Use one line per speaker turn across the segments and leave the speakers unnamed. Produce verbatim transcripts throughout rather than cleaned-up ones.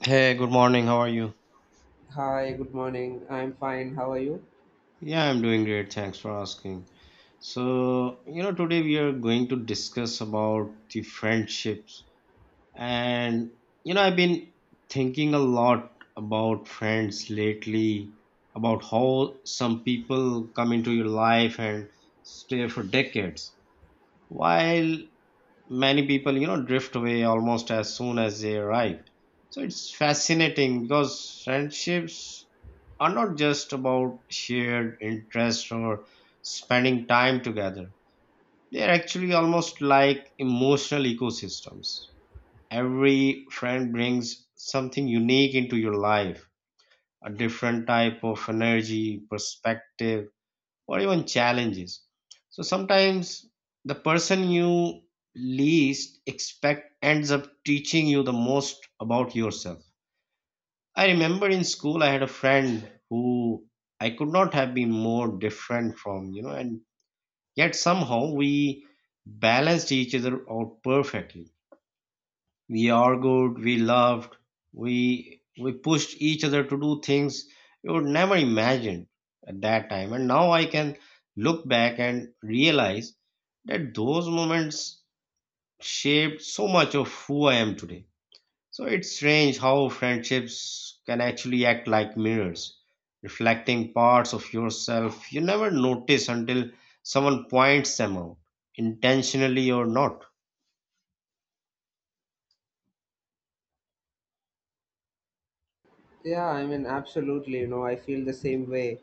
Hey, good morning. How are you?
Hi, good morning. I'm fine. How are you?
Yeah, I'm doing great. Thanks for asking. So, you know, today we are going to discuss about the friendships. And, you know, I've been thinking a lot about friends lately, about how some people come into your life and stay for decades, while many people you know drift away almost as soon as they arrive. So it's fascinating because friendships are not just about shared interest or spending time together. They're actually almost like emotional ecosystems. Every friend brings something unique into your life, a different type of energy, perspective, or even challenges. So sometimes the person you least expect ends up teaching you the most about yourself. I remember in school I had a friend who I could not have been more different from, you know, and yet somehow we balanced each other out perfectly. We argued, we loved, we we pushed each other to do things you would never imagine at that time, and now I can look back and realize that those moments shaped so much of who I am today. So it's strange how friendships can actually act like mirrors, reflecting parts of yourself you never notice until someone points them out, intentionally or not.
Yeah, I mean, absolutely. You know, I feel the same way.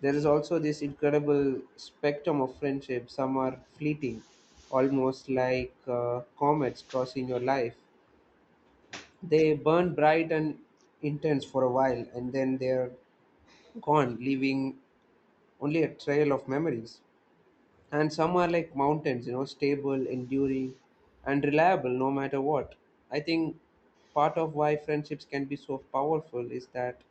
There is also this incredible spectrum of friendship. Some are fleeting, almost like uh, comets crossing your life. They burn bright and intense for a while, and then they're gone, leaving only a trail of memories. And some are like mountains, you know, stable, enduring, and reliable no matter what. I think part of why friendships can be so powerful is that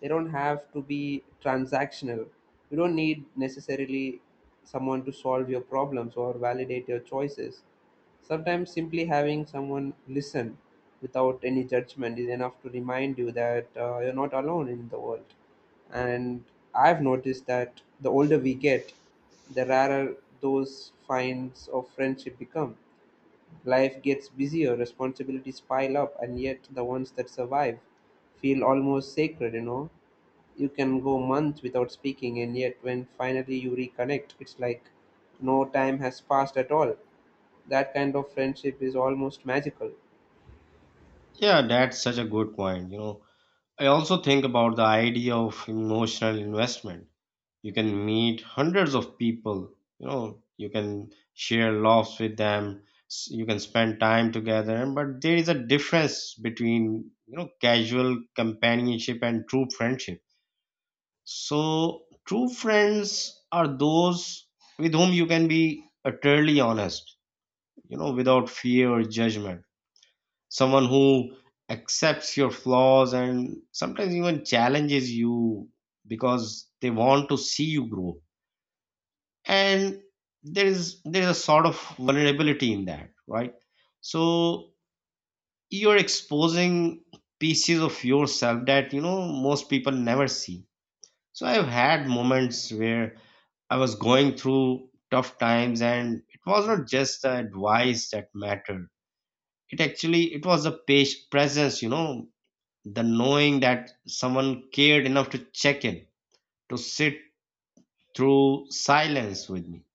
they don't have to be transactional. You don't need necessarily someone to solve your problems or validate your choices. Sometimes simply having someone listen without any judgment is enough to remind you that uh, you're not alone in the world. And I've noticed that the older we get, the rarer those finds of friendship become. Life gets busier, responsibilities pile up, and yet the ones that survive feel almost sacred. You know, you can go months without speaking, and yet when finally you reconnect, it's like no time has passed at all. That kind of friendship is almost magical.
Yeah, that's such a good point, you know I also think about the idea of emotional investment. You can meet hundreds of people, you know, you can share laughs with them, s- you can spend time together, but there is a difference between, you know, casual companionship and true friendship. So, true friends are those with whom you can be utterly honest, you know, without fear or judgment. Someone who accepts your flaws and sometimes even challenges you because they want to see you grow. And there is there's a sort of vulnerability in that, right? So you're exposing pieces of yourself that you know most people never see. So I've had moments where I was going through tough times and it was not just the advice that mattered. It actually, it was the pa- presence, you know the knowing that someone cared enough to check in, to sit through silence with me,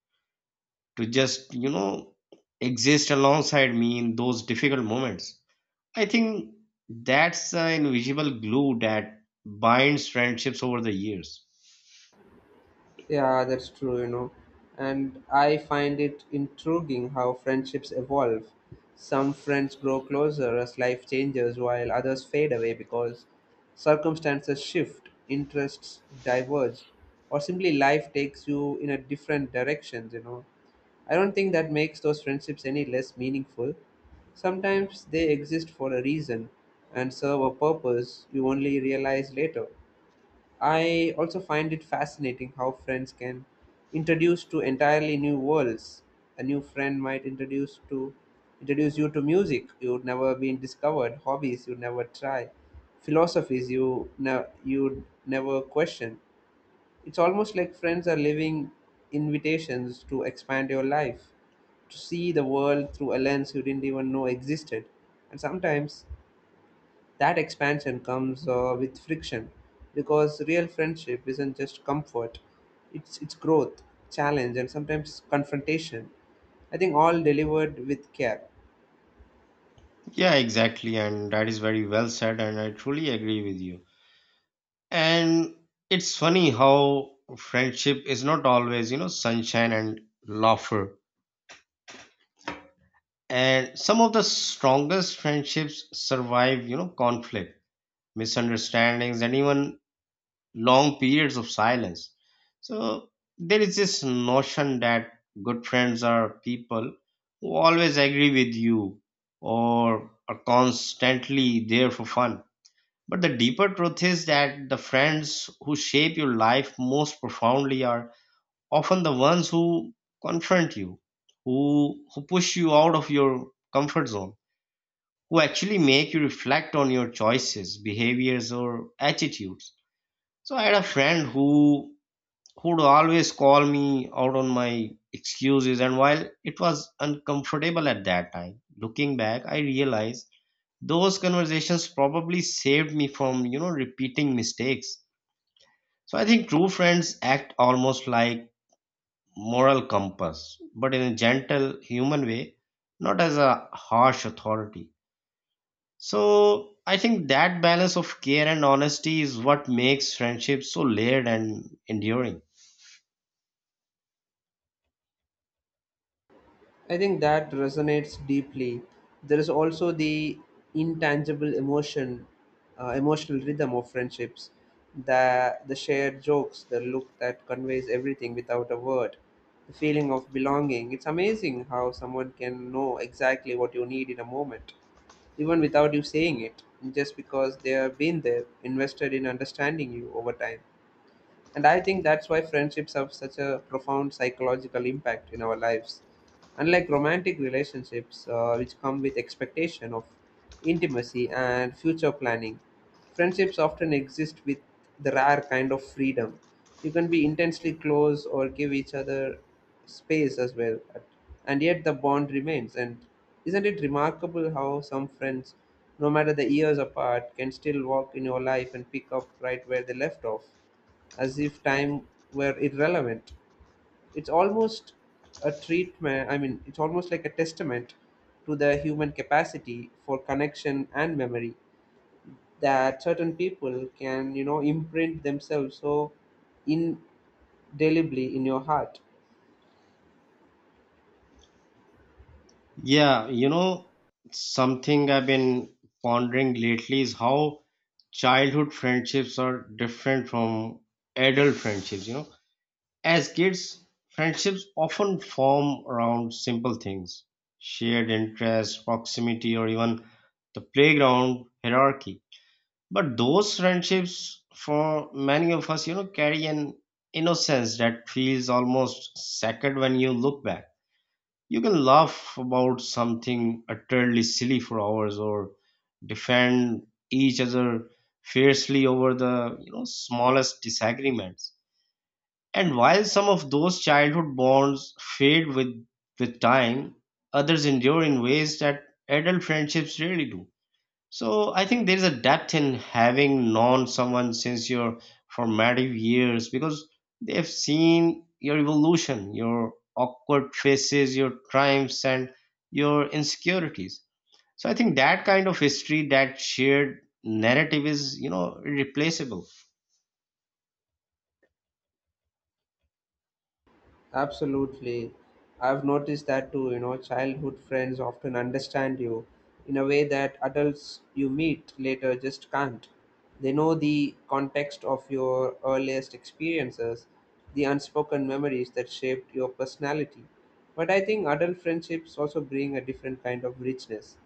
to just you know exist alongside me in those difficult moments. I think that's the invisible glue that binds friendships over the years.
Yeah, that's true, you know. And I find it intriguing how friendships evolve. Some friends grow closer as life changes, while others fade away because circumstances shift, interests diverge, or simply life takes you in a different direction, you know. I don't think that makes those friendships any less meaningful. Sometimes they exist for a reason and serve a purpose you only realize later. I also find it fascinating how friends can introduce to entirely new worlds. A new friend might introduce to introduce you to music you'd never been discovered, hobbies you'd never try, philosophies you ne- you'd never question. It's almost like friends are living invitations to expand your life, to see the world through a lens you didn't even know existed. And sometimes that expansion comes uh, with friction, because real friendship isn't just comfort, it's, it's growth, challenge, and sometimes confrontation. I think all delivered with care.
Yeah, exactly. And that is very well said, and I truly agree with you. And it's funny how friendship is not always, you know, sunshine and laughter. And some of the strongest friendships survive you know conflict, misunderstandings, and even long periods of silence. So there is this notion that good friends are people who always agree with you or are constantly there for fun, but the deeper truth is that the friends who shape your life most profoundly are often the ones who confront you, who who push you out of your comfort zone, who actually make you reflect on your choices, behaviors, or attitudes. So I had a friend who who would always call me out on my excuses, and while it was uncomfortable at that time, looking back, I realized those conversations probably saved me from you know repeating mistakes. So I think true friends act almost like moral compass, but in a gentle human way, not as a harsh authority. So I think that balance of care and honesty is what makes friendship so layered and enduring.
I think that resonates deeply. There is also the intangible emotion, uh, emotional rhythm of friendships, the the shared jokes, the look that conveys everything without a word, the feeling of belonging. It's amazing how someone can know exactly what you need in a moment, even without you saying it, just because they have been there, invested in understanding you over time. And I think that's why friendships have such a profound psychological impact in our lives. Unlike romantic relationships, uh, which come with expectation of intimacy and future planning, friendships often exist with the rare kind of freedom. You can be intensely close or give each other space as well, and yet the bond remains. And isn't it remarkable how some friends, no matter the years apart, can still walk in your life and pick up right where they left off, as if time were irrelevant? It's almost a treatment, I mean, it's almost like a testament to the human capacity for connection and memory, that certain people can, you know, imprint themselves so indelibly in your heart.
Yeah, you know, something I've been pondering lately is how childhood friendships are different from adult friendships, you know. As kids, friendships often form around simple things, shared interests, proximity, or even the playground hierarchy. But those friendships, for many of us, you know, carry an innocence that feels almost sacred when you look back. You can laugh about something utterly silly for hours or defend each other fiercely over the, you know, smallest disagreements. And while some of those childhood bonds fade with with time, others endure in ways that adult friendships really do. So I think there is a depth in having known someone since your formative years because they've seen your evolution, your awkward faces, your triumphs, and your insecurities. So I think that kind of history, that shared narrative is, you know, irreplaceable.
Absolutely. I've noticed that too, you know. Childhood friends often understand you in a way that adults you meet later just can't. They know the context of your earliest experiences, the unspoken memories that shaped your personality. But I think adult friendships also bring a different kind of richness.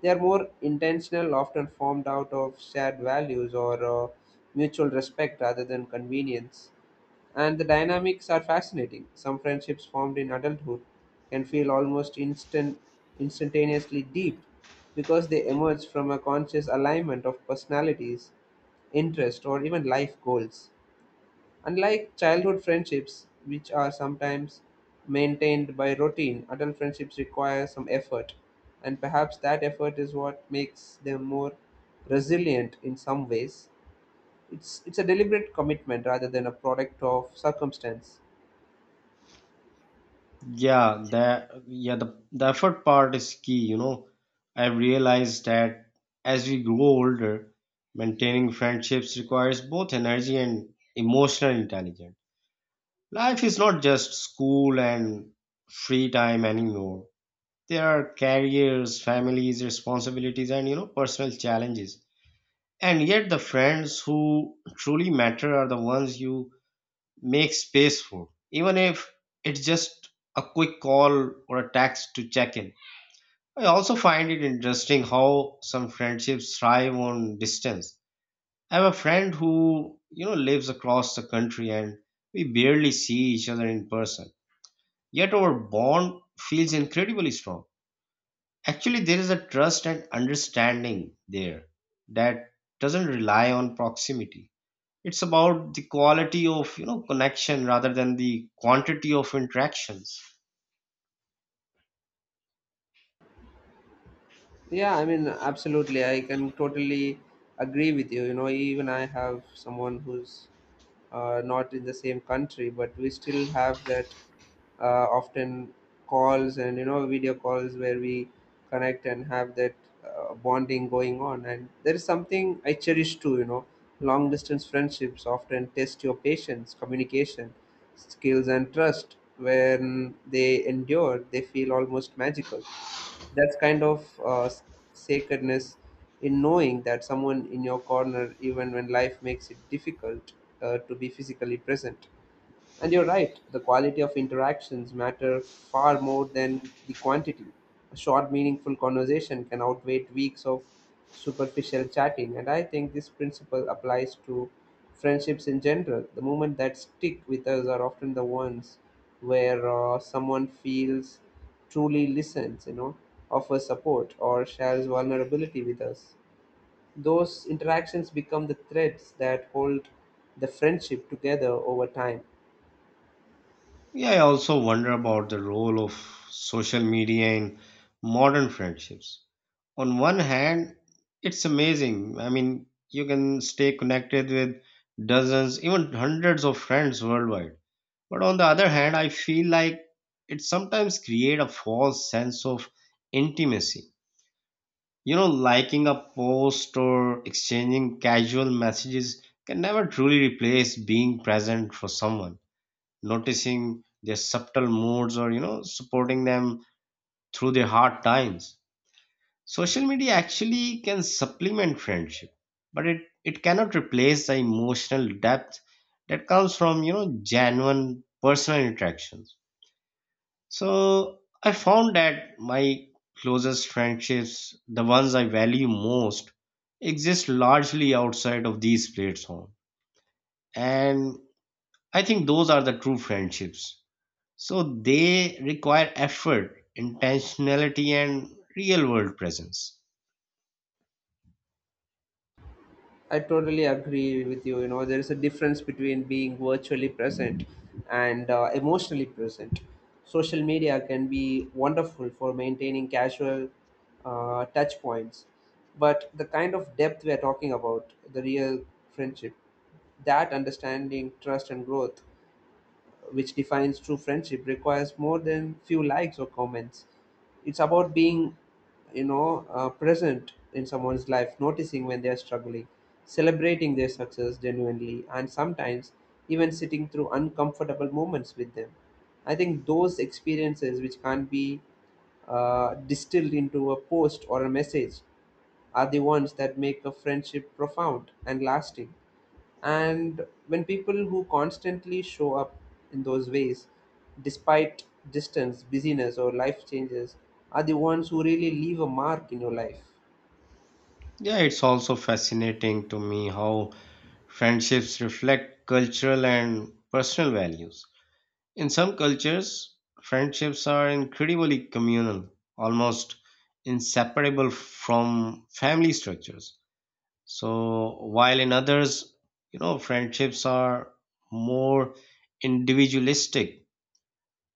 They are more intentional, often formed out of shared values or uh, mutual respect rather than convenience. And the dynamics are fascinating. Some friendships formed in adulthood can feel almost instant, instantaneously deep, because they emerge from a conscious alignment of personalities, interest, or even life goals. Unlike childhood friendships, which are sometimes maintained by routine, adult friendships require some effort, and perhaps that effort is what makes them more resilient in some ways. It's, it's a deliberate commitment rather than a product of circumstance.
Yeah, that yeah, the, the effort part is key, you know. I've realized that as we grow older, maintaining friendships requires both energy and emotional intelligence. Life is not just school and free time anymore. There are careers, families, responsibilities, and you know, personal challenges. And yet the friends who truly matter are the ones you make space for, even if it's just a quick call or a text to check in. I also find it interesting how some friendships thrive on distance. I have a friend who, you know, lives across the country and we barely see each other in person. Yet our bond feels incredibly strong. Actually, there is a trust and understanding there that doesn't rely on proximity. It's about the quality of you know connection rather than the quantity of interactions.
Yeah, I mean, absolutely. I can totally agree with you. You know, even I have someone who's uh, not in the same country, but we still have that uh, often calls and, you know, video calls where we connect and have that uh, bonding going on. And there is something I cherish too, you know. Long distance friendships often test your patience, communication, skills, and trust. When they endure, they feel almost magical. That's kind of uh, s- sacredness in knowing that someone in your corner, even when life makes it difficult uh, to be physically present. And you're right, the quality of interactions matter far more than the quantity. A short, meaningful conversation can outweigh weeks of superficial chatting, and I think this principle applies to friendships in general. The moments that stick with us are often the ones where uh, someone feels truly listens, you know, offers support, or shares vulnerability with us. Those interactions become the threads that hold the friendship together over time.
Yeah, I also wonder about the role of social media in modern friendships. On one hand, it's amazing. I mean, you can stay connected with dozens, even hundreds of friends worldwide. But on the other hand, I feel like it sometimes create a false sense of intimacy. You know, liking a post or exchanging casual messages can never truly replace being present for someone, noticing their subtle moods or, you know, supporting them through their hard times. Social media actually can supplement friendship, but it, it cannot replace the emotional depth that comes from, you know, genuine personal interactions. So I found that my closest friendships, the ones I value most, exist largely outside of these platforms. And I think those are the true friendships. So they require effort, intentionality, and real world presence.
I totally agree with you. You know, there is a difference between being virtually present and uh, emotionally present. Social media can be wonderful for maintaining casual uh, touch points, but the kind of depth we are talking about, the real friendship, that understanding, trust, and growth which defines true friendship, requires more than few likes or comments. It's about being, you know, uh, present in someone's life, noticing when they're struggling, celebrating their success genuinely, and sometimes even sitting through uncomfortable moments with them. I think those experiences, which can't be uh, distilled into a post or a message, are the ones that make a friendship profound and lasting. And when people who constantly show up in those ways, despite distance, busyness, or life changes, are the ones who really leave a mark in your life.
Yeah, it's also fascinating to me how friendships reflect cultural and personal values. In some cultures, friendships are incredibly communal, almost inseparable from family structures. So, while in others, you know, friendships are more individualistic,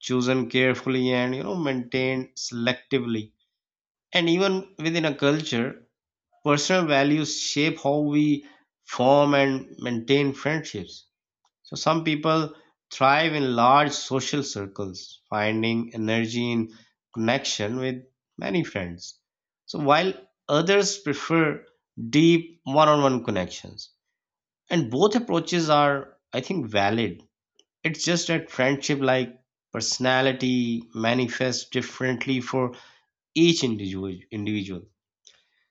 chosen carefully and, you know, maintained selectively. And even within a culture, personal values shape how we form and maintain friendships. So some people thrive in large social circles, finding energy in connection with many friends. So while others prefer deep one-on-one connections. And both approaches are, I think, valid. It's just that friendship like personality manifests differently for each individual individual.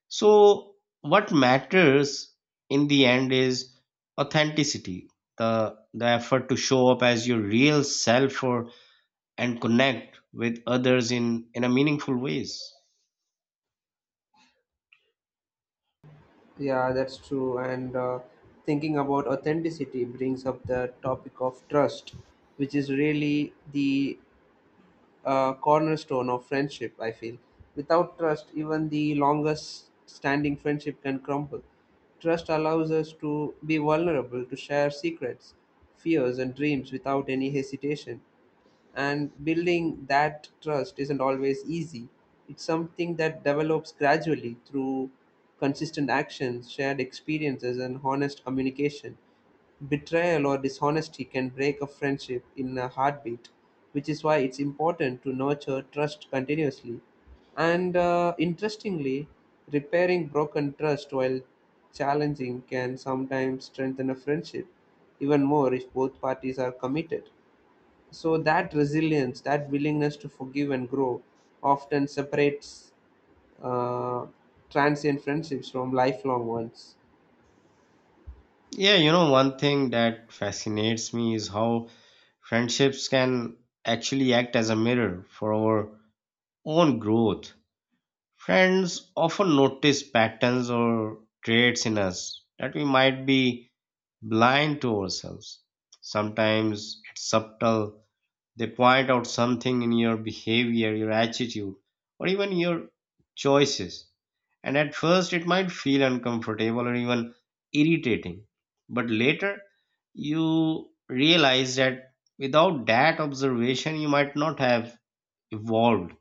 So, what matters in the end is authenticity, the, the effort to show up as your real self or and connect with others in, in a meaningful ways.
Yeah, that's true. And uh, thinking about authenticity brings up the topic of trust, which is really the uh, cornerstone of friendship, I feel. Without trust, even the longest standing friendship can crumble. Trust allows us to be vulnerable, to share secrets, fears, and dreams without any hesitation, and building that trust isn't always easy. It's something that develops gradually through consistent actions, shared experiences, and honest communication. Betrayal or dishonesty can break a friendship in a heartbeat, which is why it's important to nurture trust continuously. And uh, interestingly, repairing broken trust, while challenging, can sometimes strengthen a friendship, even more if both parties are committed. So that resilience, that willingness to forgive and grow, often separates uh, transient friendships from lifelong ones.
Yeah, you know, one thing that fascinates me is how friendships can actually act as a mirror for our own growth. Friends often notice patterns or traits in us that we might be blind to ourselves. Sometimes it's subtle. They point out something in your behavior, your attitude, or even your choices. And at first, it might feel uncomfortable or even irritating. But later, you realize that without that observation, you might not have evolved.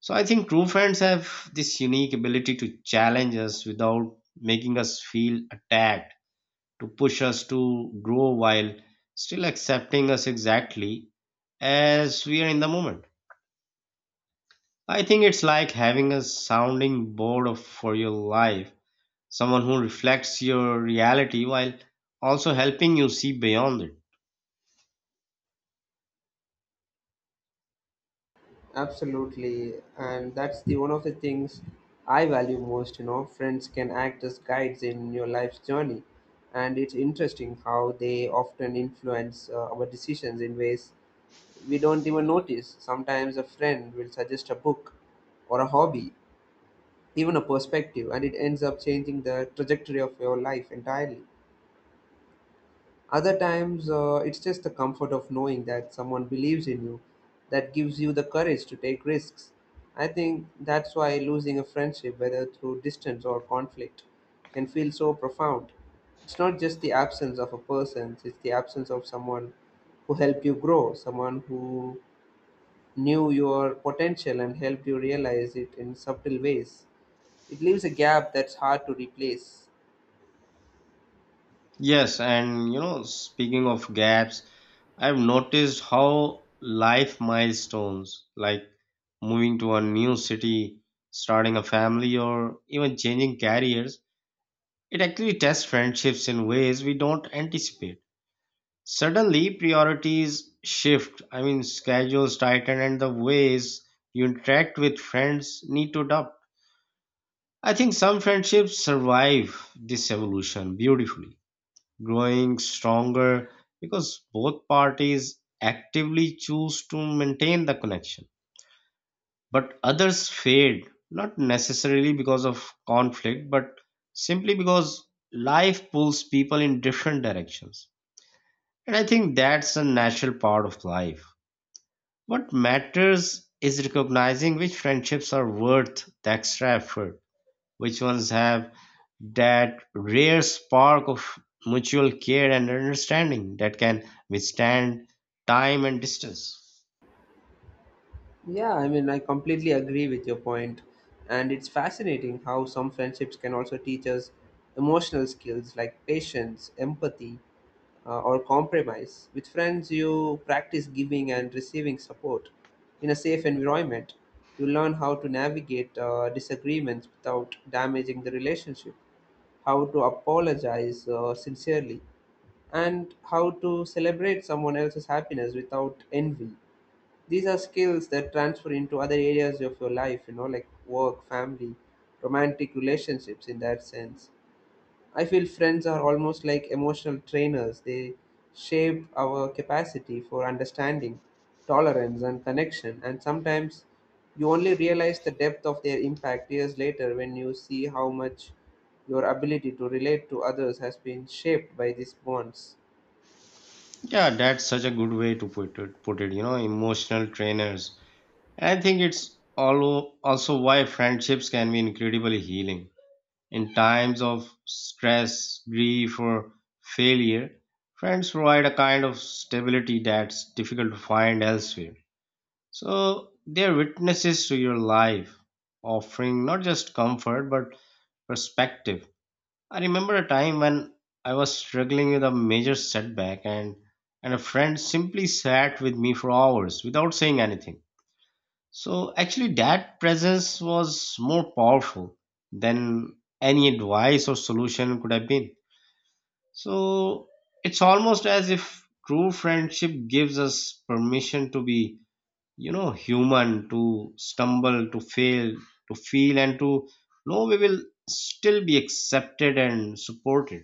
So I think true friends have this unique ability to challenge us without making us feel attacked, to push us to grow while still accepting us exactly as we are in the moment. I think it's like having a sounding board of, for your life, someone who reflects your reality while also helping you see beyond it.
Absolutely, and that's the one of the things I value most. You know, friends can act as guides in your life's journey, and it's interesting how they often influence uh, our decisions in ways we don't even notice. Sometimes a friend will suggest a book or a hobby, even a perspective, and it ends up changing the trajectory of your life entirely. Other times, uh, it's just the comfort of knowing that someone believes in you that gives you the courage to take risks. I think that's why losing a friendship, whether through distance or conflict, can feel so profound. It's not just the absence of a person, it's the absence of someone who helped you grow, someone who knew your potential and helped you realize it in subtle ways. It leaves a gap that's hard to replace.
Yes, and you know, speaking of gaps, I've noticed how life milestones like moving to a new city, starting a family, or even changing careers, it actually tests friendships in ways we don't anticipate. Suddenly, priorities shift. I mean, schedules tighten, and the ways you interact with friends need to adapt. I think some friendships survive this evolution beautifully, growing stronger because both parties actively choose to maintain the connection. But others fade, not necessarily because of conflict, but simply because life pulls people in different directions. And I think that's a natural part of life. What matters is recognizing which friendships are worth the extra effort, which ones have that rare spark of mutual care and understanding that can withstand time and distance.
Yeah, I mean, I completely agree with your point. And it's fascinating how some friendships can also teach us emotional skills like patience, empathy, uh, or compromise. With friends, you practice giving and receiving support in a safe environment. You learn how to navigate uh, disagreements without damaging the relationship, how to apologize uh, sincerely, and how to celebrate someone else's happiness without envy. These are skills that transfer into other areas of your life, you know, like work, family, romantic relationships in that sense. I feel friends are almost like emotional trainers. They shape our capacity for understanding, tolerance, and connection. And sometimes you only realize the depth of their impact years later, when you see how much your ability to relate to others has been shaped by these bonds.
Yeah, that's such a good way to put it put it you know emotional trainers. I think it's allo- also why friendships can be incredibly healing. In times of stress, grief, or failure, friends provide a kind of stability that's difficult to find elsewhere. So they're witnesses to your life, offering not just comfort but perspective. I remember a time when I was struggling with a major setback and and a friend simply sat with me for hours without saying anything. So actually, that presence was more powerful than any advice or solution could have been. So it's almost as if true friendship gives us permission to be, you know, human, to stumble, to fail, to feel, and to know we will still be accepted and supported.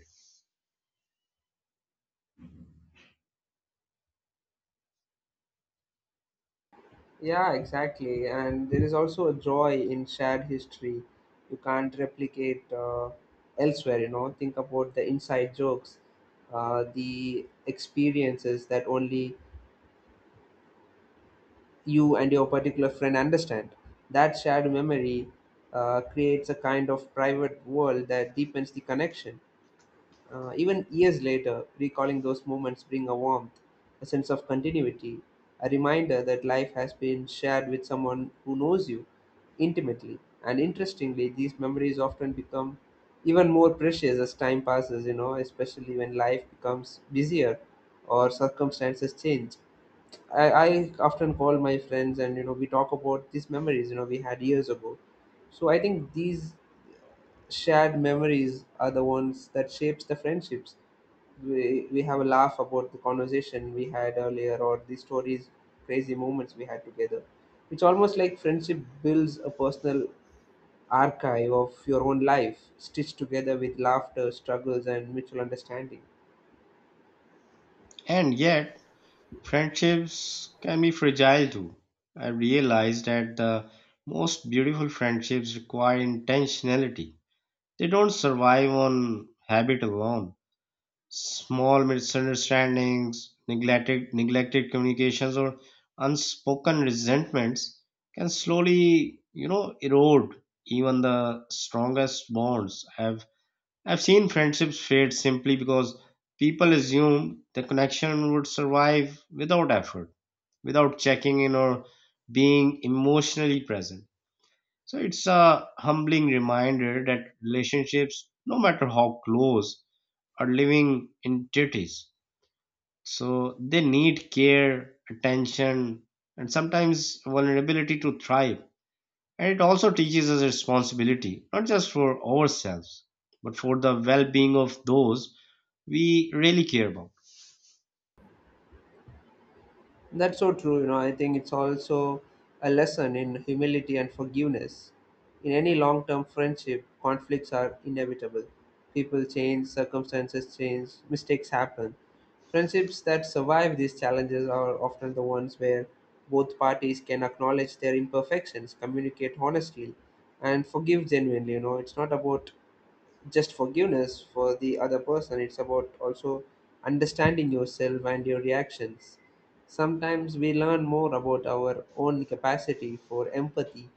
Yeah, exactly. And there is also a joy in shared history you can't replicate uh, elsewhere. You know, think about the inside jokes, uh, the experiences that only you and your particular friend understand. That shared memory uh, creates a kind of private world that deepens the connection. Uh, even years later, recalling those moments bring a warmth, a sense of continuity, a reminder that life has been shared with someone who knows you intimately. And interestingly, these memories often become even more precious as time passes, you know, especially when life becomes busier or circumstances change. I, I often call my friends, and you know we talk about these memories you know we had years ago. So I think these shared memories are the ones that shapes the friendships. We, we have a laugh about the conversation we had earlier, or the stories, crazy moments we had together. It's almost like friendship builds a personal archive of your own life, stitched together with laughter, struggles, and mutual understanding.
And yet, friendships can be fragile too. I realized that the most beautiful friendships require intentionality. They don't survive on habit alone. Small misunderstandings, neglected, neglected communications, or unspoken resentments can slowly, you know, erode even the strongest bonds. I've I've seen friendships fade simply because people assume the connection would survive without effort, without checking in or being emotionally present. So it's a humbling reminder that relationships, no matter how close, are living entities. So they need care, attention, and sometimes vulnerability to thrive. And it also teaches us responsibility, not just for ourselves, but for the well being of those we really care about.
That's so true. You know, I think it's also a lesson in humility and forgiveness. In any long term friendship, conflicts are inevitable. People change, circumstances change, mistakes happen. Friendships that survive these challenges are often the ones where both parties can acknowledge their imperfections, communicate honestly, and forgive genuinely. You know, it's not about just forgiveness for the other person, it's about also understanding yourself and your reactions. Sometimes we learn more about our own capacity for empathy,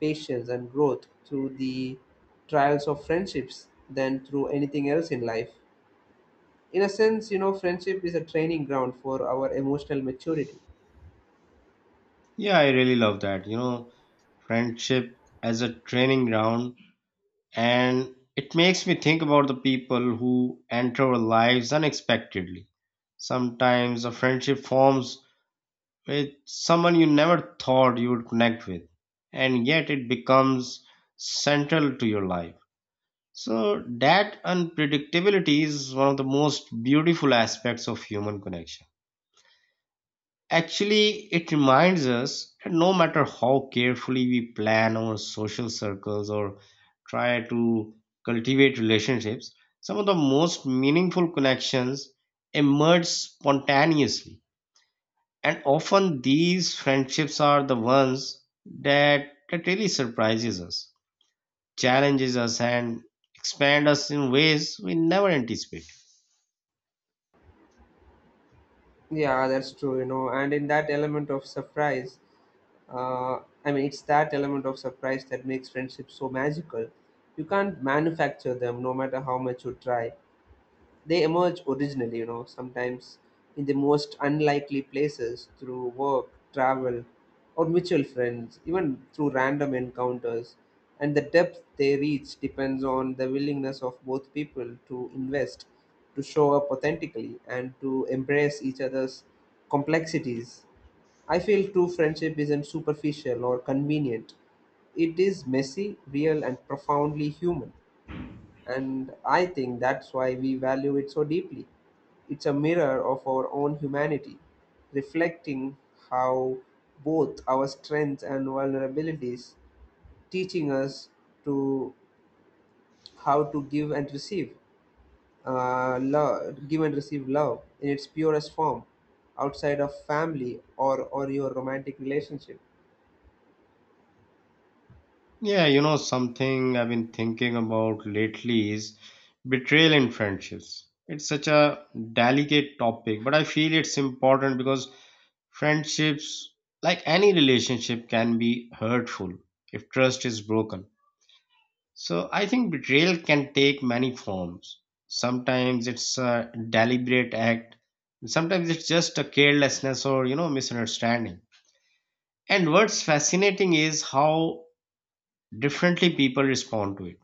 patience, and growth through the trials of friendships than through anything else in life. In a sense, you know, friendship is a training ground for our emotional maturity.
Yeah, I really love that. You know, friendship as a training ground, and it makes me think about the people who enter our lives unexpectedly. Sometimes a friendship forms with someone you never thought you would connect with, and yet it becomes central to your life. So, that unpredictability is one of the most beautiful aspects of human connection. Actually, it reminds us that no matter how carefully we plan our social circles or try to cultivate relationships, some of the most meaningful connections emerge spontaneously. And often these friendships are the ones that, that really surprises us, challenges us, and expand us in ways we never anticipate.
Yeah, that's true, you know, and in that element of surprise, uh, I mean, it's that element of surprise that makes friendships so magical. You can't manufacture them no matter how much you try. They emerge originally, you know, sometimes in the most unlikely places, through work, travel, or mutual friends, even through random encounters. And the depth they reach depends on the willingness of both people to invest, to show up authentically, and to embrace each other's complexities. I feel true friendship isn't superficial or convenient. It is messy, real, and profoundly human. And I think that's why we value it so deeply. It's a mirror of our own humanity, reflecting how both our strengths and vulnerabilities, teaching us to how to give and receive uh, love, give and receive love in its purest form, outside of family, or, or your romantic relationship.
Yeah, you know, something I've been thinking about lately is betrayal in friendships. It's such a delicate topic, but I feel it's important because friendships, like any relationship, can be hurtful if trust is broken. So I think betrayal can take many forms. Sometimes it's a deliberate act, sometimes it's just a carelessness or, you know, misunderstanding. And what's fascinating is how differently people respond to it.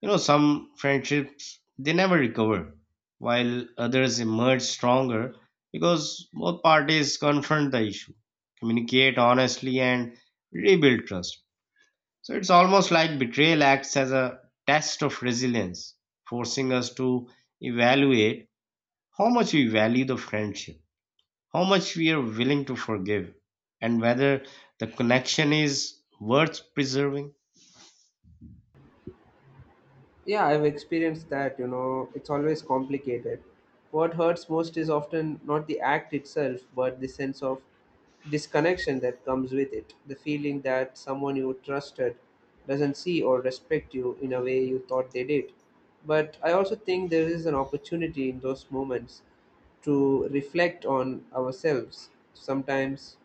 You know, some friendships they never recover, while others emerge stronger because both parties confront the issue, communicate honestly, and rebuild trust. So it's almost like betrayal acts as a test of resilience, forcing us to evaluate how much we value the friendship, how much we are willing to forgive, and whether the connection is worth preserving.
Yeah, I've experienced that. You know, it's always complicated. What hurts most is often not the act itself, but the sense of disconnection that comes with it. The feeling that someone you trusted doesn't see or respect you in a way you thought they did. But I also think there is an opportunity in those moments to reflect on ourselves. Sometimes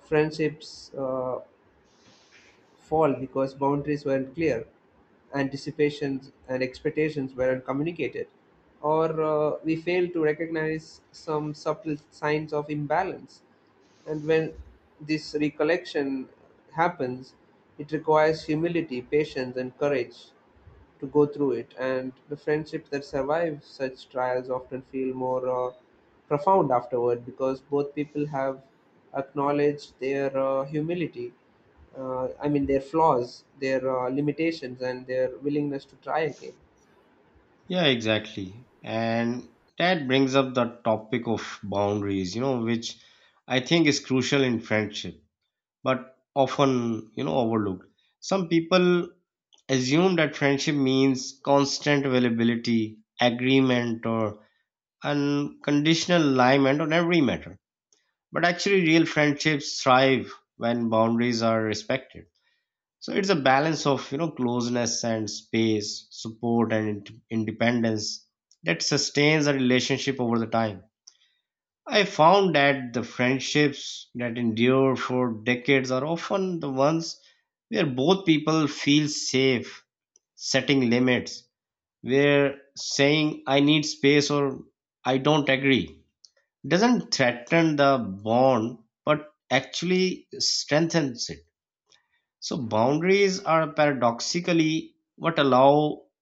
friendships uh, fall because boundaries weren't clear, anticipations and expectations weren't communicated, or uh, we failed to recognize some subtle signs of imbalance. And when this recollection happens, it requires humility, patience, and courage to go through it. And the friendships that survive such trials often feel more uh, profound afterward, because both people have acknowledged their uh, humility. Uh, I mean, their flaws, their uh, limitations, and their willingness to try again.
Yeah, exactly. And that brings up the topic of boundaries, you know, which I think is crucial in friendship, but often, you know, overlooked. Some people assume that friendship means constant availability, agreement, or unconditional alignment on every matter. But actually, real friendships thrive when boundaries are respected. So it's a balance of you know closeness and space, support and ind- independence that sustains a relationship over the time. I found that the friendships that endure for decades are often the ones where both people feel safe setting limits, where saying I need space or I don't agree doesn't threaten the bond, but actually strengthens it. So boundaries are paradoxically what allow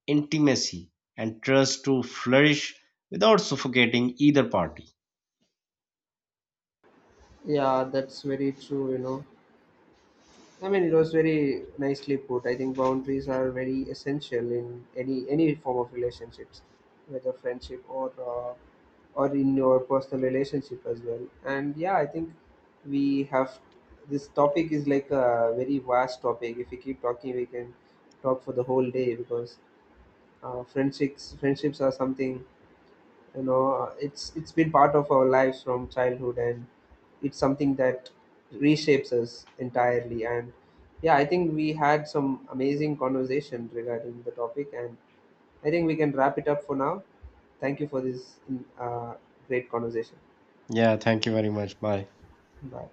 intimacy and trust to flourish without suffocating either party.
Yeah, that's very true, you know. I mean, it was very nicely put. I think boundaries are very essential in any any form of relationships, whether friendship, or uh, or in your personal relationship as well. And yeah, I think we have, this topic is like a very vast topic. If we keep talking, we can talk for the whole day, because uh, friendships friendships are something, you know, it's it's been part of our lives from childhood, and it's something that reshapes us entirely. And yeah, I think we had some amazing conversation regarding the topic, and I think we can wrap it up for now. Thank you for this uh, great conversation.
Yeah, thank you very much. Bye.
Bye.